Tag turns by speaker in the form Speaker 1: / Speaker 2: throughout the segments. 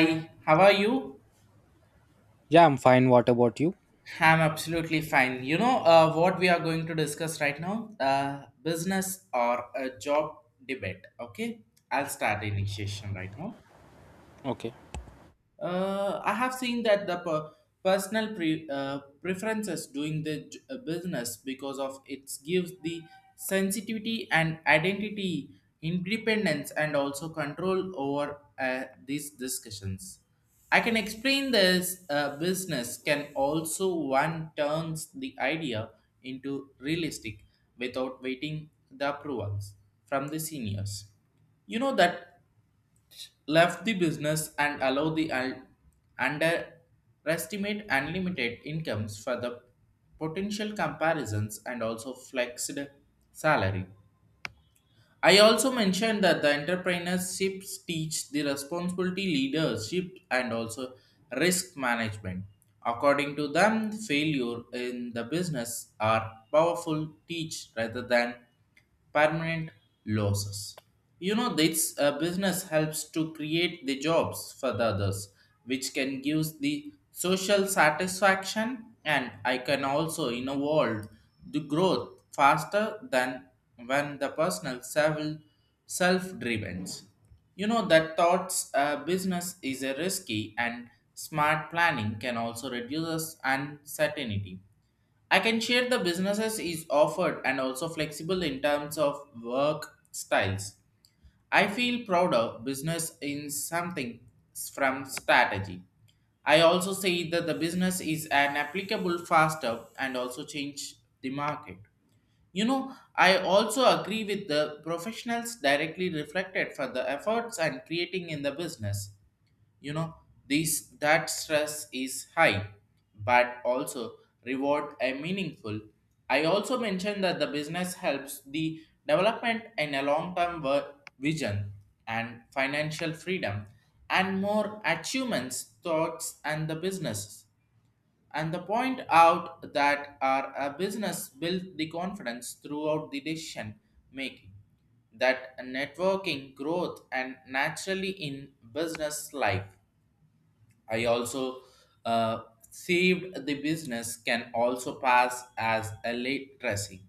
Speaker 1: Hi, how are you?
Speaker 2: Yeah, I'm fine. What about you?
Speaker 1: I'm absolutely fine. You know what we are going to discuss right now? Business or a job debate. Okay, I'll start the initiation right now.
Speaker 2: Okay.
Speaker 1: I have seen that the personal preferences doing the business because of it gives the sensitivity and identity, independence, and also control over these discussions. I can explain this business can also one turns the idea into realistic without waiting the approvals from the seniors you know that left the business and allowed the underestimate unlimited incomes for the potential comparisons and also flexed salary. I also mentioned that the entrepreneurships teach the responsibility, leadership, and also risk management. According to them, failure in the business are powerful teach rather than permanent losses. You know, this business helps to create the jobs for the others, which can give the social satisfaction, and I can also in a world the growth faster than when the personal self driven. You know that thoughts business is a risky and smart planning can also reduce uncertainty. I can share the businesses is offered and also flexible in terms of work styles. I feel prouder business in something from strategy. I also say that the business is an applicable faster and also change the market. You know, I also agree with the professionals directly reflected for the efforts and creating in the business you know these that stress is high but also reward a meaningful. I also mentioned that the business helps the development in a long term vision and financial freedom and more achievements thoughts and the businesses and the point out that our a business build the confidence throughout the decision making, that networking growth and naturally in business life. I also uh, saved the business can also pass as a late dressing.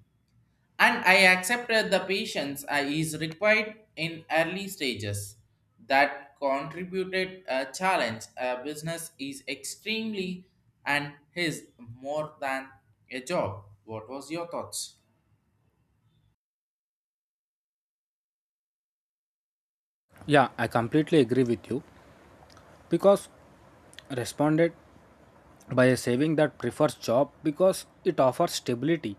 Speaker 1: And I accepted the patience I is required in early stages that contributed a challenge. A business is extremely and is more than a job. What was your thoughts?
Speaker 2: Yeah, I completely agree with you because responded by a saving that prefers job because it offers stability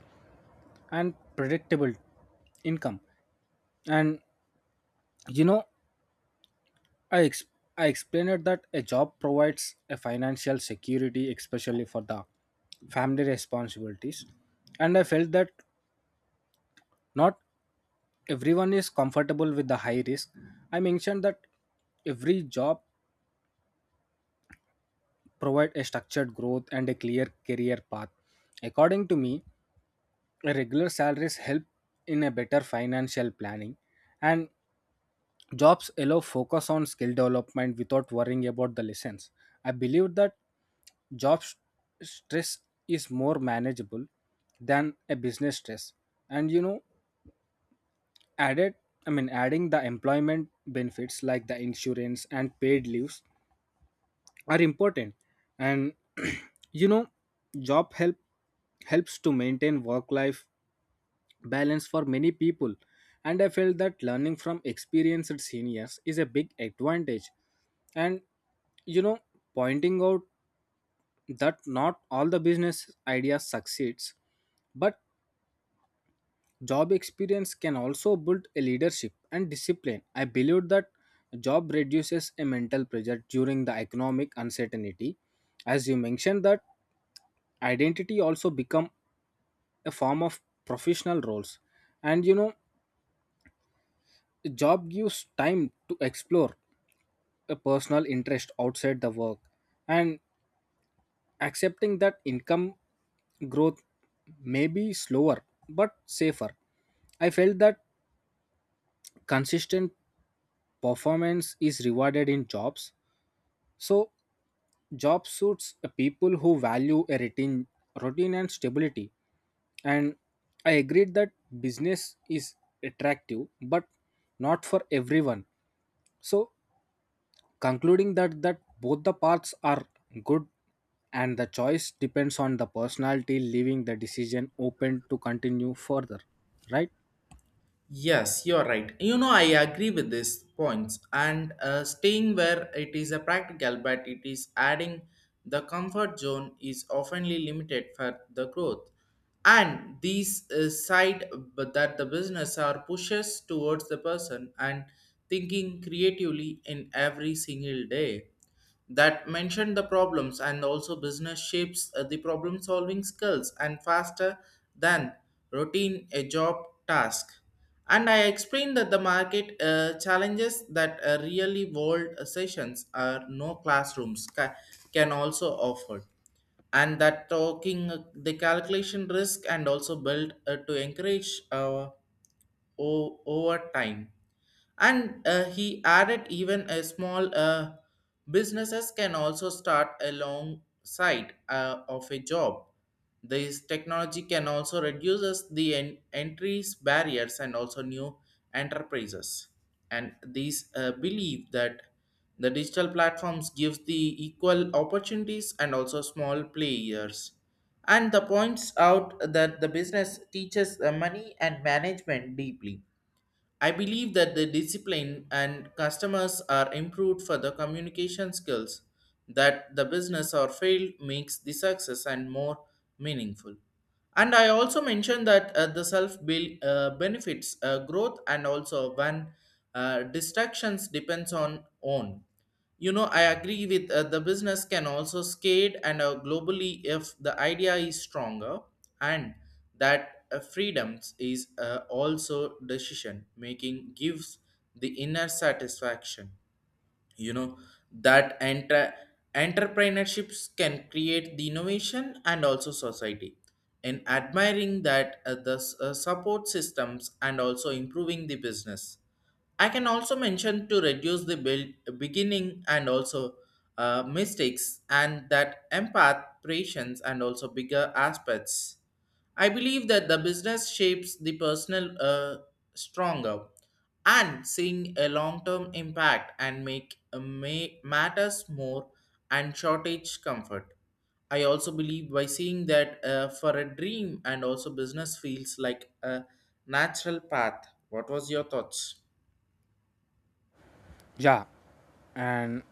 Speaker 2: and predictable income. And you know, I ex- I explained that a job provides a financial security, especially for the family responsibilities. And I felt that not everyone is comfortable with the high risk. I mentioned that every job provide a structured growth and a clear career path. According to me, regular salaries help in a better financial planning, and jobs allow focus on skill development without worrying about the lessons. I believe that job s- stress is more manageable than a business stress. And you know, added I mean adding the employment benefits like the insurance and paid leaves are important, and you know job helps to maintain work life balance for many people. And I felt that learning from experienced seniors is a big advantage. And, you know, pointing out that not all the business ideas succeeds, but job experience can also build a leadership and discipline. I believe that job reduces a mental pressure during the economic uncertainty. As you mentioned that identity also become a form of professional roles. And you know, job gives time to explore a personal interest outside the work, and accepting that income growth may be slower but safer. I felt that consistent performance is rewarded in jobs, so job suits people who value a routine and stability. And I agreed that business is attractive but not for everyone. So concluding that both the paths are good, and the choice depends on the personality, leaving the decision open to continue further, right?
Speaker 1: Yes, you're right. You know, I agree with these points, and staying where it is a practical, but it is adding the comfort zone is oftenly limited for the growth. And these side but that the business are pushes towards the person and thinking creatively in every single day, that mentioned the problems and also business shapes the problem solving skills and faster than routine a job task. And I explained that the market challenges that really world sessions are no classrooms can also offer, and that talking the calculation risk and also build to encourage over time. And he added even a small businesses can also start alongside of a job. This technology can also reduces the entries barriers and also new enterprises, and these believe that the digital platforms gives the equal opportunities and also small players, and the points out that the business teaches money and management deeply. I believe that the discipline and customers are improved for the communication skills, that the business or failed makes the success and more meaningful. And I also mentioned that the self build benefits growth and also when distractions depends on own. You know, I agree with the business can also scale and globally if the idea is stronger, and that freedoms is also decision making gives the inner satisfaction. You know that enter entrepreneurships can create the innovation and also society. In admiring that the support systems and also improving the business, I can also mention to reduce the build, beginning and also mistakes, and that empath patience and also bigger aspects. I believe that the business shapes the personal stronger and seeing a long-term impact and make may matters more and shortage comfort. I also believe by seeing that for a dream and also business feels like a natural path. What was your thoughts?
Speaker 2: Yeah, and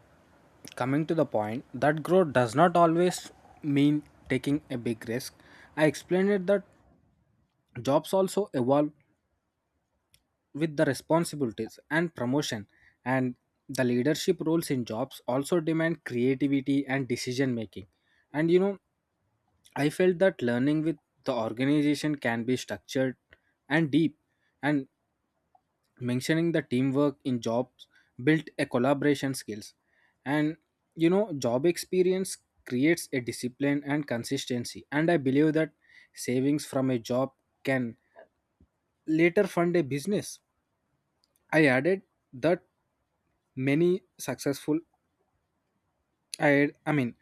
Speaker 2: coming to the point that growth does not always mean taking a big risk. I explained it that jobs also evolve with the responsibilities and promotion, and the leadership roles in jobs also demand creativity and decision making. And you know, I felt that learning with the organization can be structured and deep. And mentioning the teamwork in jobs built a collaboration skills. And you know, job experience creates a discipline and consistency. And I believe that savings from a job can later fund a business. i added that many successful I, I mean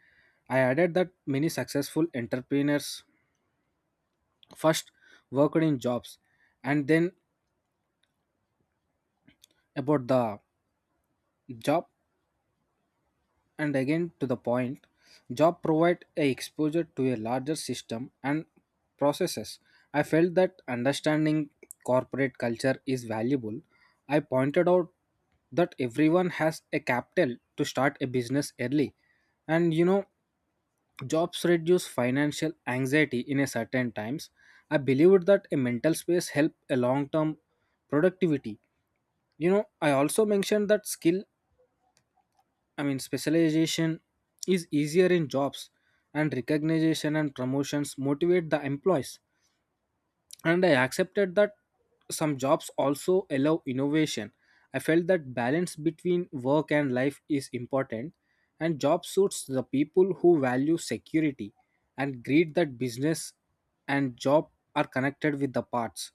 Speaker 2: I added that many successful entrepreneurs first worked in jobs and then about the job. And again to the point, job provide a exposure to a larger system and processes. I felt that understanding corporate culture is valuable. I pointed out that everyone has a capital to start a business early. And you know, jobs reduce financial anxiety in a certain times. I believed that a mental space help a long-term productivity. You know, I also mentioned that skill, I mean specialization is easier in jobs, and recognition and promotions motivate the employees. And I accepted that some jobs also allow innovation. I felt that balance between work and life is important, and job suits the people who value security. And agreed that business and job are connected with the parts.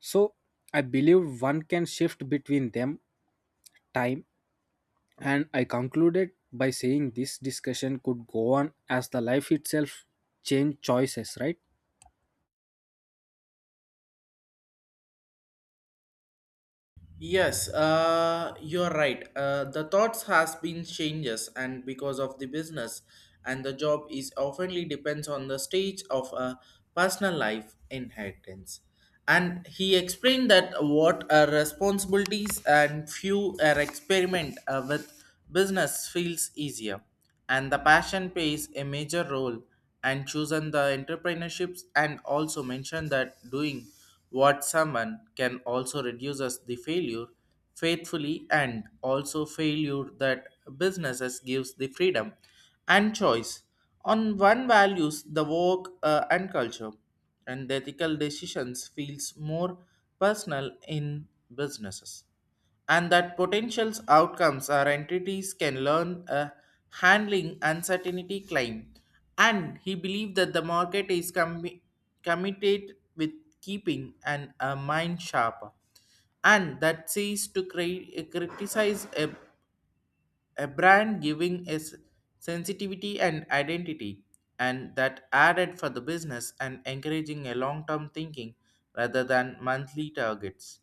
Speaker 2: So I believe one can shift between them time, and I concluded by saying this discussion could go on as the life itself change choices, right?
Speaker 1: Yes, you're right. The thoughts has been changes, and because of the business and the job is oftenly depends on the stage of a personal life inheritance. And he explained that what are responsibilities and few are experiment with business feels easier and the passion plays a major role, and chosen the entrepreneurships and also mention that doing what someone can also reduces the failure faithfully and also failure that businesses gives the freedom and choice on one values the work and culture, and the ethical decisions feels more personal in businesses, and that potential outcomes are entities can learn a handling uncertainty claim. And he believed that the market is committed with keeping an, a mind sharper, and that sees to criticize a brand giving is sensitivity and identity, and that added for the business and encouraging a long-term thinking rather than monthly targets,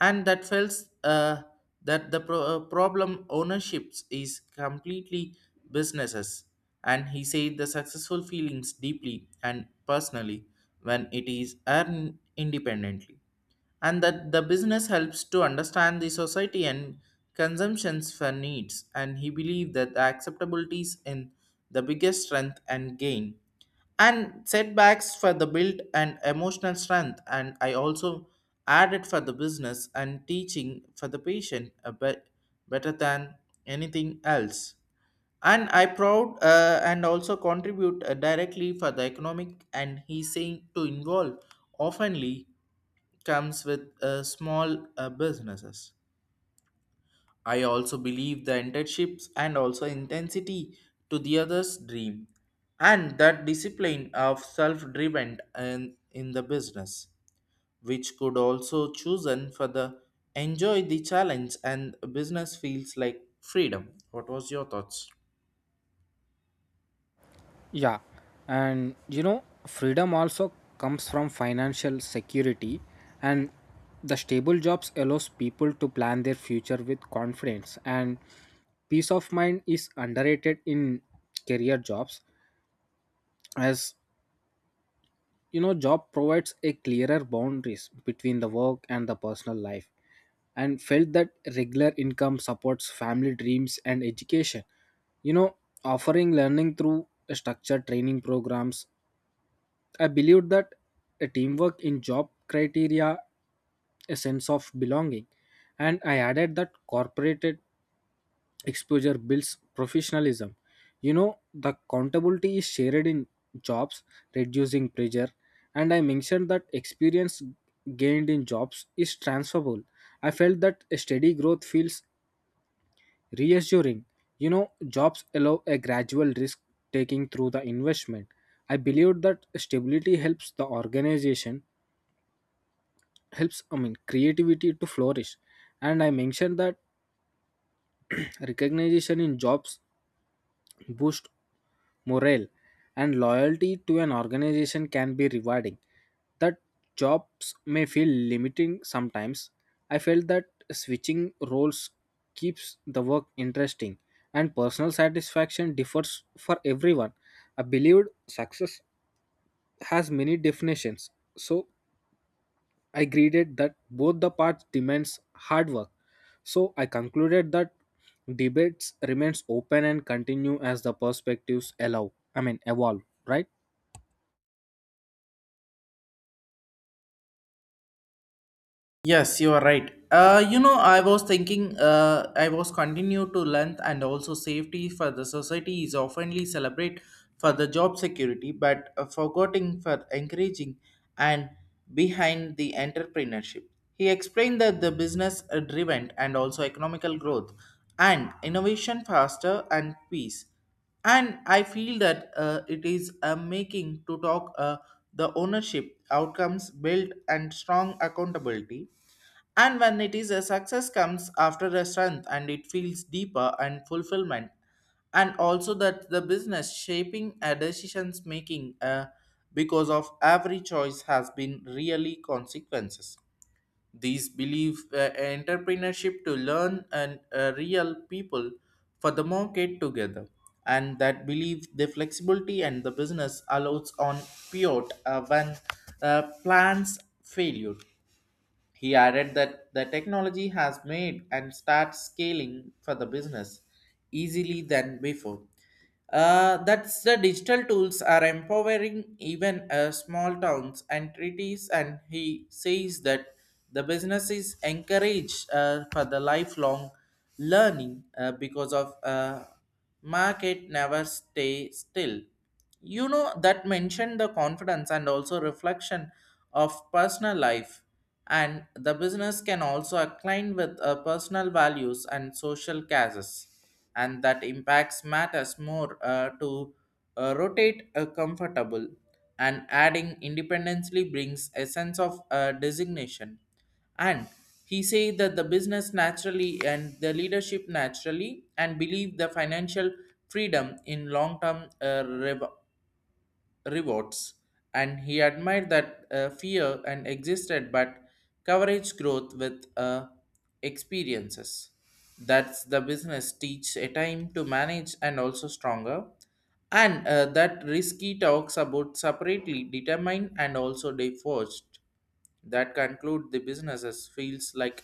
Speaker 1: and that feels that the problem ownerships is completely businesses, and he said the successful feelings deeply and personally when it is earned independently, and that the business helps to understand the society and consumptions for needs. And he believed that the acceptabilities in the biggest strength and gain and setbacks for the build and emotional strength, and I also added for the business and teaching for the patient a bit better than anything else. And I proud and also contribute directly for the economic, and he saying to involve oftenly comes with small businesses. I also believe the internships and also intensity to the others dream, and that discipline of self driven and in the business, which could also chosen for the enjoy the challenge and business feels like freedom. What was your thoughts?
Speaker 2: Yeah, and you know, freedom also comes from financial security, and the stable jobs allows people to plan their future with confidence. And peace of mind is underrated in career jobs, as you know, job provides a clearer boundaries between the work and the personal life. And felt that regular income supports family dreams and education. You know, offering learning through structured training programs. I believed that a teamwork in job criteria, a sense of belonging, and I added that corporate exposure builds professionalism. You know, the accountability is shared in jobs, reducing pressure, and I mentioned that experience gained in jobs is transferable. I felt that a steady growth feels reassuring. You know, jobs allow a gradual risk taking through the investment. I believed that stability helps the organization helps I mean creativity to flourish. And I mentioned that recognition in jobs boost morale, and loyalty to an organization can be rewarding. That jobs may feel limiting sometimes. I felt that switching roles keeps the work interesting, and personal satisfaction differs for everyone. I believed success has many definitions. So I agreed that both the parts demands hard work. So I concluded that debates remains open and continue as the perspectives allow. I mean evolve, right?
Speaker 1: Yes, you are right. You know, I was thinking, I was continue to length and also safety for the society is oftenly celebrate for the job security, but forgetting for encouraging and behind the entrepreneurship. He explained that the business driven and also economical growth and innovation faster and peace, and I feel that it is a making to talk the ownership outcomes built and strong accountability, and when it is a success comes after a strength and it feels deeper and fulfillment, and also that the business shaping a decisions making because of every choice has been really consequences. These believe entrepreneurship to learn and real people for the market together, and that believe the flexibility and the business allows on pivot when plans failure. He added that the technology has made and start scaling for the business easily than before. That's the digital tools are empowering even small towns and treaties, and he says that the business is encouraged for the lifelong learning because of market never stay still. You know that mentioned the confidence and also reflection of personal life, and the business can also align with personal values and social causes, and that impacts matters more to rotate comfortable, and adding independently brings a sense of designation, and he say that the business naturally and the leadership naturally and believe the financial freedom in long term rewards, and he admired that fear and existed but coverage growth with experiences, that's the business teach a time to manage and also stronger, and that risky talks about separately determined and also divorced, that conclude the businesses feels like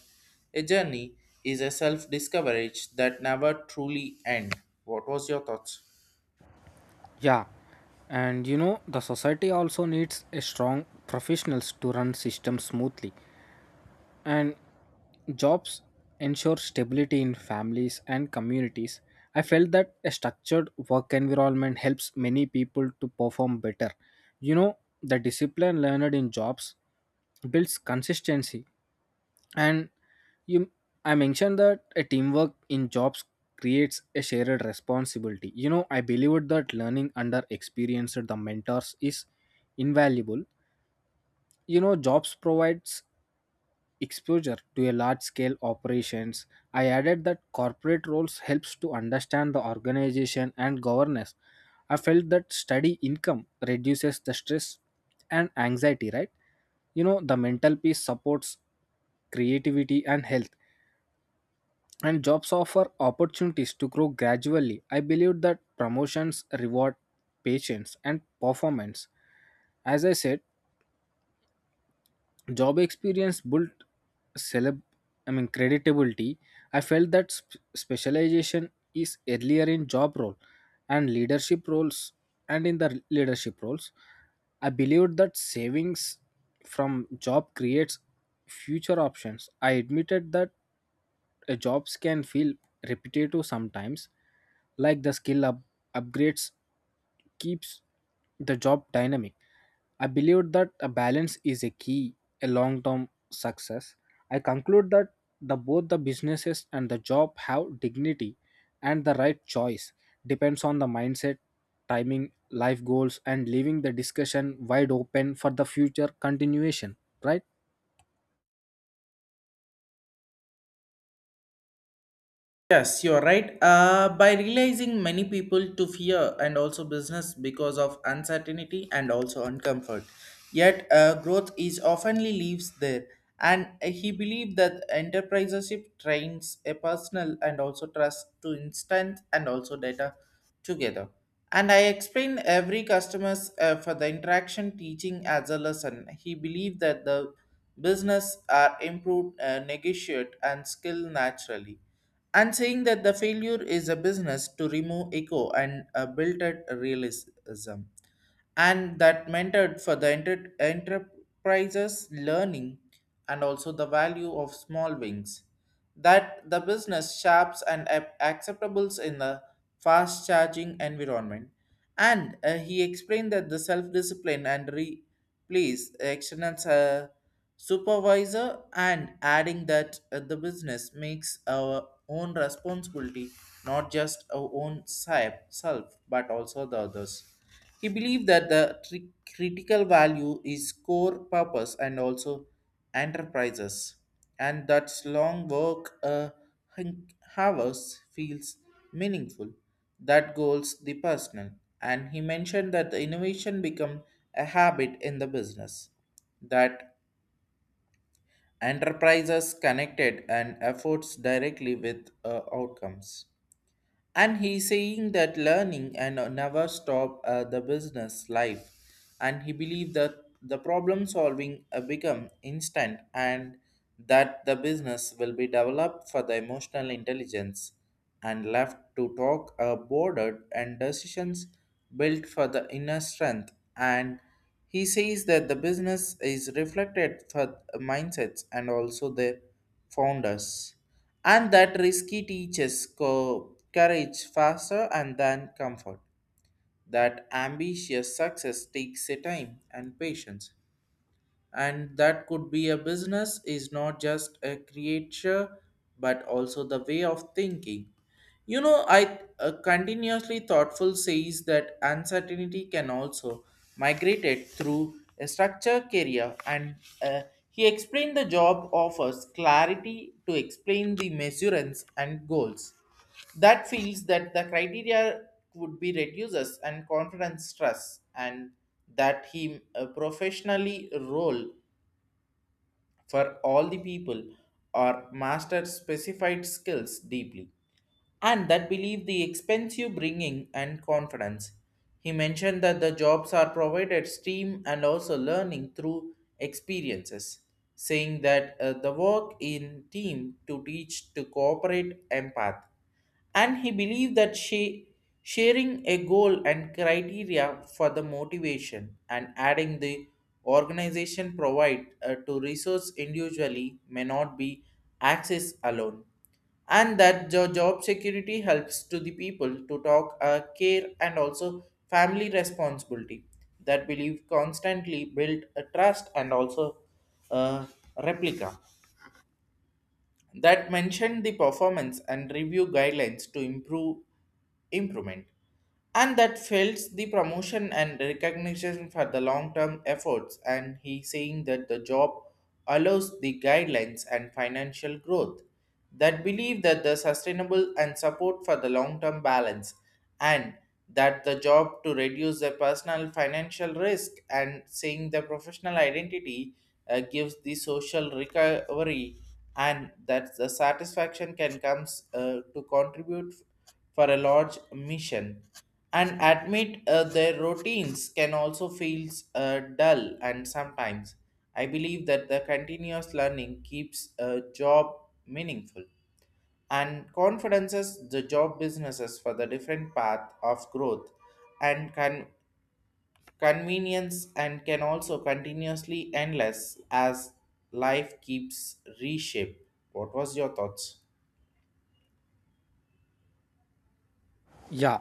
Speaker 1: a journey is a self-discovery that never truly end. What was your thoughts?
Speaker 2: Yeah. And you know the society also needs a strong professionals to run system smoothly. And jobs ensure stability in families and communities. I felt that a structured work environment helps many people to perform better. You know, the discipline learned in jobs builds consistency. And you I mentioned that a teamwork in jobs creates a shared responsibility. You know, I believed that learning under experienced the mentors is invaluable. You know, jobs provides exposure to a large scale operations. I added that corporate roles helps to understand the organization and governance. I felt that steady income reduces the stress and anxiety, right? You know, the mental peace supports creativity and health, and jobs offer opportunities to grow gradually. I believe that promotions reward patience and performance. As I said, job experience built celeb I mean creditability. I felt that specialization is earlier in job role and leadership roles. And in the leadership roles I believed that savings from job creates future options. I admitted that jobs can feel repetitive sometimes, like the upgrades keeps the job dynamic. I believe that a balance is a key a long-term success. I conclude that the both the businesses and the job have dignity, and the right choice depends on the mindset, timing, life goals, and leaving the discussion wide open for the future continuation, right?
Speaker 1: Yes, you're right. By realizing many people to fear and also business because of uncertainty and also uncomfort. Yet, growth is oftenly leaves there. And he believed that enterprisership trains a personal and also trust to instant and also data together. And I explained every customers for the interaction teaching as a lesson. He believed that the business are improved, negotiate and skill naturally, and saying that the failure is a business to remove echo and built at realism, and that mentored for the enterprises learning and also the value of small wings, that the business sharps and acceptables in the fast charging environment, and he explained that the self discipline and replace excellence supervisor, and adding that the business makes our own responsibility not just our own self but also the others. He believed that the critical value is core purpose and also enterprises, and that long work hun- hours feels meaningful. That goals the personal, and he mentioned that the innovation become a habit in the business. That enterprises connected and efforts directly with outcomes, and he's saying that learning and never stop the business life. And he believed that the problem solving become instant, and that the business will be developed for the emotional intelligence and left to talk bordered and decisions built for the inner strength. And he says that the business is reflected for mindsets and also the founders, and that risky teaches courage faster and than comfort. That ambitious success takes a time and patience, and that could be a business is not just a creature but also the way of thinking. You know, I continuously thoughtful says that uncertainty can also migrate it through a structure career and uh, he explained the job offers clarity to explain the measurements and goals. That feels that the criteria would be reduces and confidence stress, and that he professionally role for all the people or master specified skills deeply, and that believe the expensive bringing and confidence. He mentioned that the jobs are provided stream and also learning through experiences, saying that the work in team to teach to cooperate empath. And he believed that she sharing a goal and criteria for the motivation, and adding the organization provide to resource individually may not be access alone, and that the job security helps to the people to talk care and also family responsibility. That believe constantly build a trust, and also a replica, that mentioned the performance and review guidelines to improve improvement, and that fails the promotion and recognition for the long-term efforts. And he saying that the job allows the guidelines and financial growth, that believe that the sustainable and support for the long-term balance, and that the job to reduce the personal financial risk, and saying the professional identity gives the social recovery, and that the satisfaction can comes to contribute for a large mission, and admit their routines can also feel dull and sometimes I believe that the continuous learning keeps a job meaningful, and confidences the job businesses for the different path of growth and convenience and can also continuously endless as life keeps reshape. What was your thoughts?
Speaker 2: Yeah,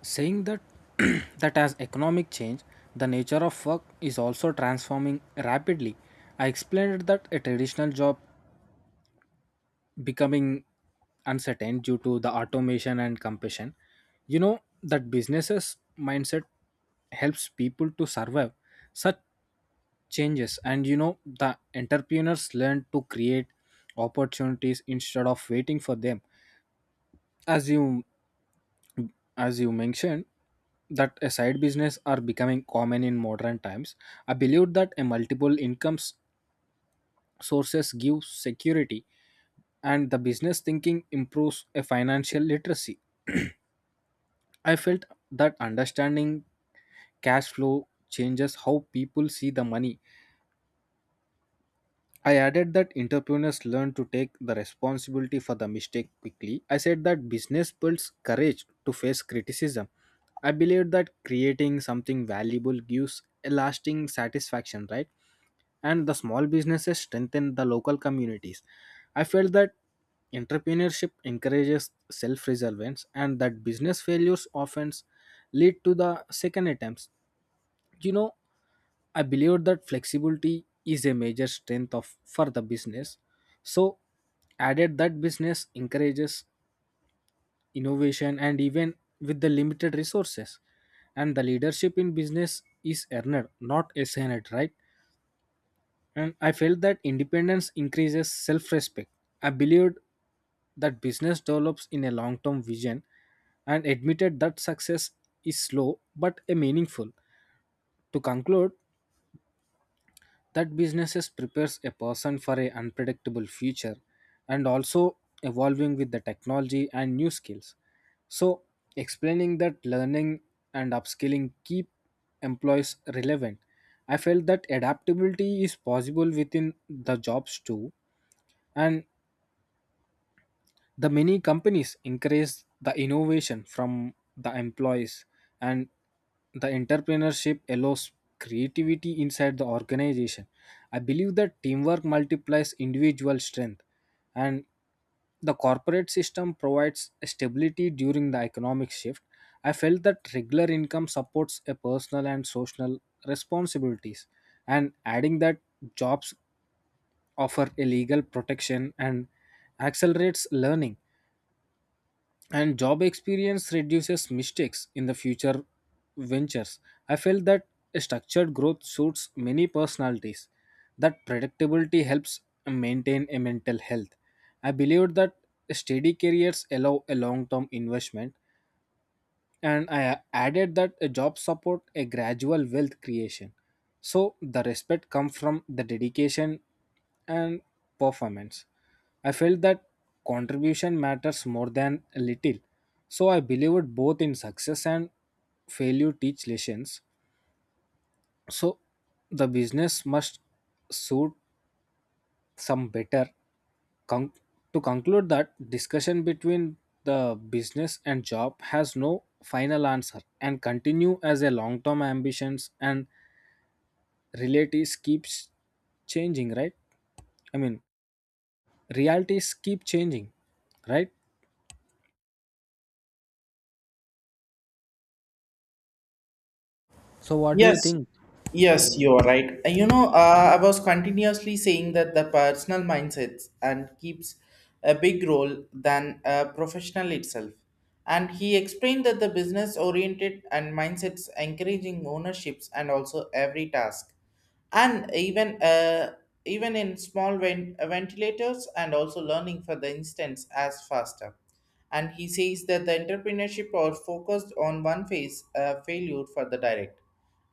Speaker 2: saying that that as economic change, the nature of work is also transforming rapidly. I explained that a traditional job becoming uncertain due to the automation and competition. You know that businesses mindset helps people to survive such changes. And you know, the entrepreneurs learn to create opportunities instead of waiting for them. As you as you mentioned that a side business are becoming common in modern times. I believe that a multiple sources give security, and the business thinking improves a financial literacy. I felt that understanding cash flow changes how people see the money. I added that entrepreneurs learn to take the responsibility for the mistake quickly. I said that business builds courage to face criticism. I believe that creating something valuable gives a lasting satisfaction, right? And the small businesses strengthen the local communities. I felt that entrepreneurship encourages self-resilience, and that business failures often lead to the second attempts. You know, I believe that flexibility is a major strength of for the business. So added that business encourages innovation and even with the limited resources. And the leadership in business is earned not assigned, right? And I felt that independence increases self-respect. I believed that business develops in a long-term vision, and admitted that success is slow but a meaningful. To conclude that businesses prepares a person for a unpredictable future, and also evolving with the technology and new skills. So explaining that learning and upskilling keep employees relevant. I felt that adaptability is possible within the jobs too, and the many companies encourage the innovation from the employees, and the entrepreneurship allows creativity inside the organization. I believe that teamwork multiplies individual strength, and the corporate system provides stability during the economic shift. I felt that regular income supports a personal and social responsibilities, and adding that jobs offer a legal protection and accelerates learning, and job experience reduces mistakes in the future ventures. I felt that a structured growth suits many personalities. That predictability helps maintain a mental health. I believe that steady careers allow a long-term investment, and I added that a job support a gradual wealth creation. So the respect comes from the dedication and performance. I felt that contribution matters more than a little. So I believed both in success and failure teach lessons. So the business must suit some better. Con- to conclude that discussion between the business and job has no final answer and continue as a long-term ambitions and realities keeps changing, right? I mean, realities keep changing, right? So what do you
Speaker 1: Yes,
Speaker 2: think?
Speaker 1: yes, you are right. You know, I was continuously saying that the personal mindsets and keeps a big role than a professional itself. And he explained that the business oriented and mindsets encouraging ownerships and also every task, and even even in small ventilators and also learning for the instance as faster. And he says that the entrepreneurship are focused on one phase failure for the direct,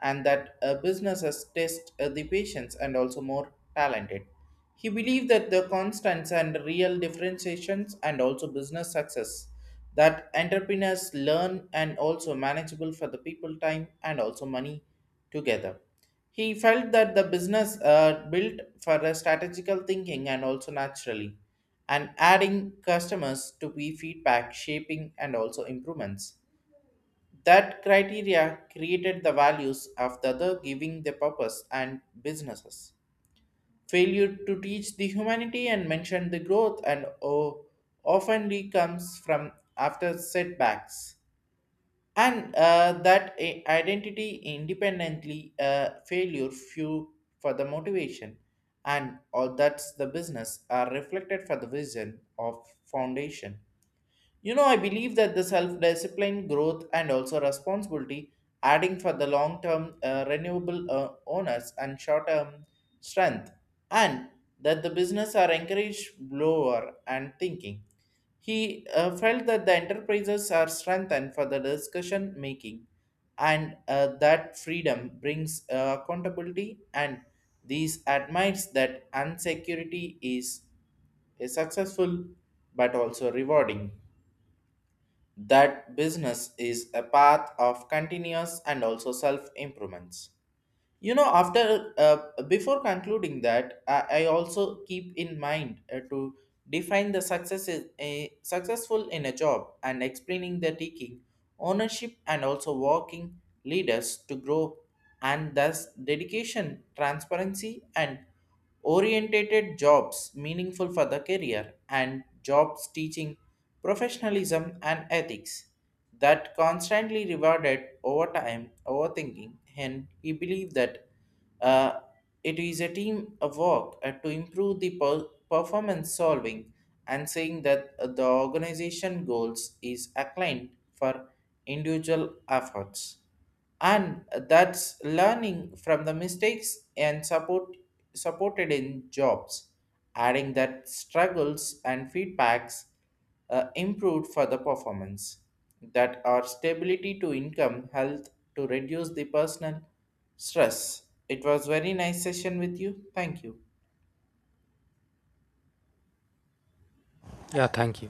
Speaker 1: and that businesses test the patience and also more talented. He believed that the constants and real differentiations and also business success, that entrepreneurs learn and also manageable for the people time and also money together. He felt that the business built for a strategical thinking and also naturally, and adding customers to be feedback, shaping, and also improvements. That criteria created the values of the other, giving the purpose and businesses. Failure to teach the humanity, and mention the growth and oftenly comes from after setbacks, and that identity independently failure few for the motivation, and all that's the business are reflected for the vision of foundation. You know, I believe that the self discipline, growth, and also responsibility, adding for the long term renewable owners and short term strength, and that the business are encouraged lower and thinking. He felt that the enterprises are strengthened for the discussion making, and that freedom brings accountability, and these admires that insecurity is a successful but also rewarding. That business is a path of continuous and also self improvements. You know, after before concluding that I also keep in mind to define the success is a successful in a job, and explaining the taking ownership and also working leaders to grow, and thus dedication transparency and orientated jobs meaningful for the career, and jobs teaching professionalism and ethics that constantly rewarded over time overthinking. And he believed that uh, it is a team of work to improve the performance solving, and saying that the organization goals is aligned for individual efforts, and that's learning from the mistakes and support supported in jobs, adding that struggles and feedbacks improved for the performance, that are stability to income health to reduce the personal stress. It was very nice session with you, thank you.
Speaker 2: Yeah, thank you.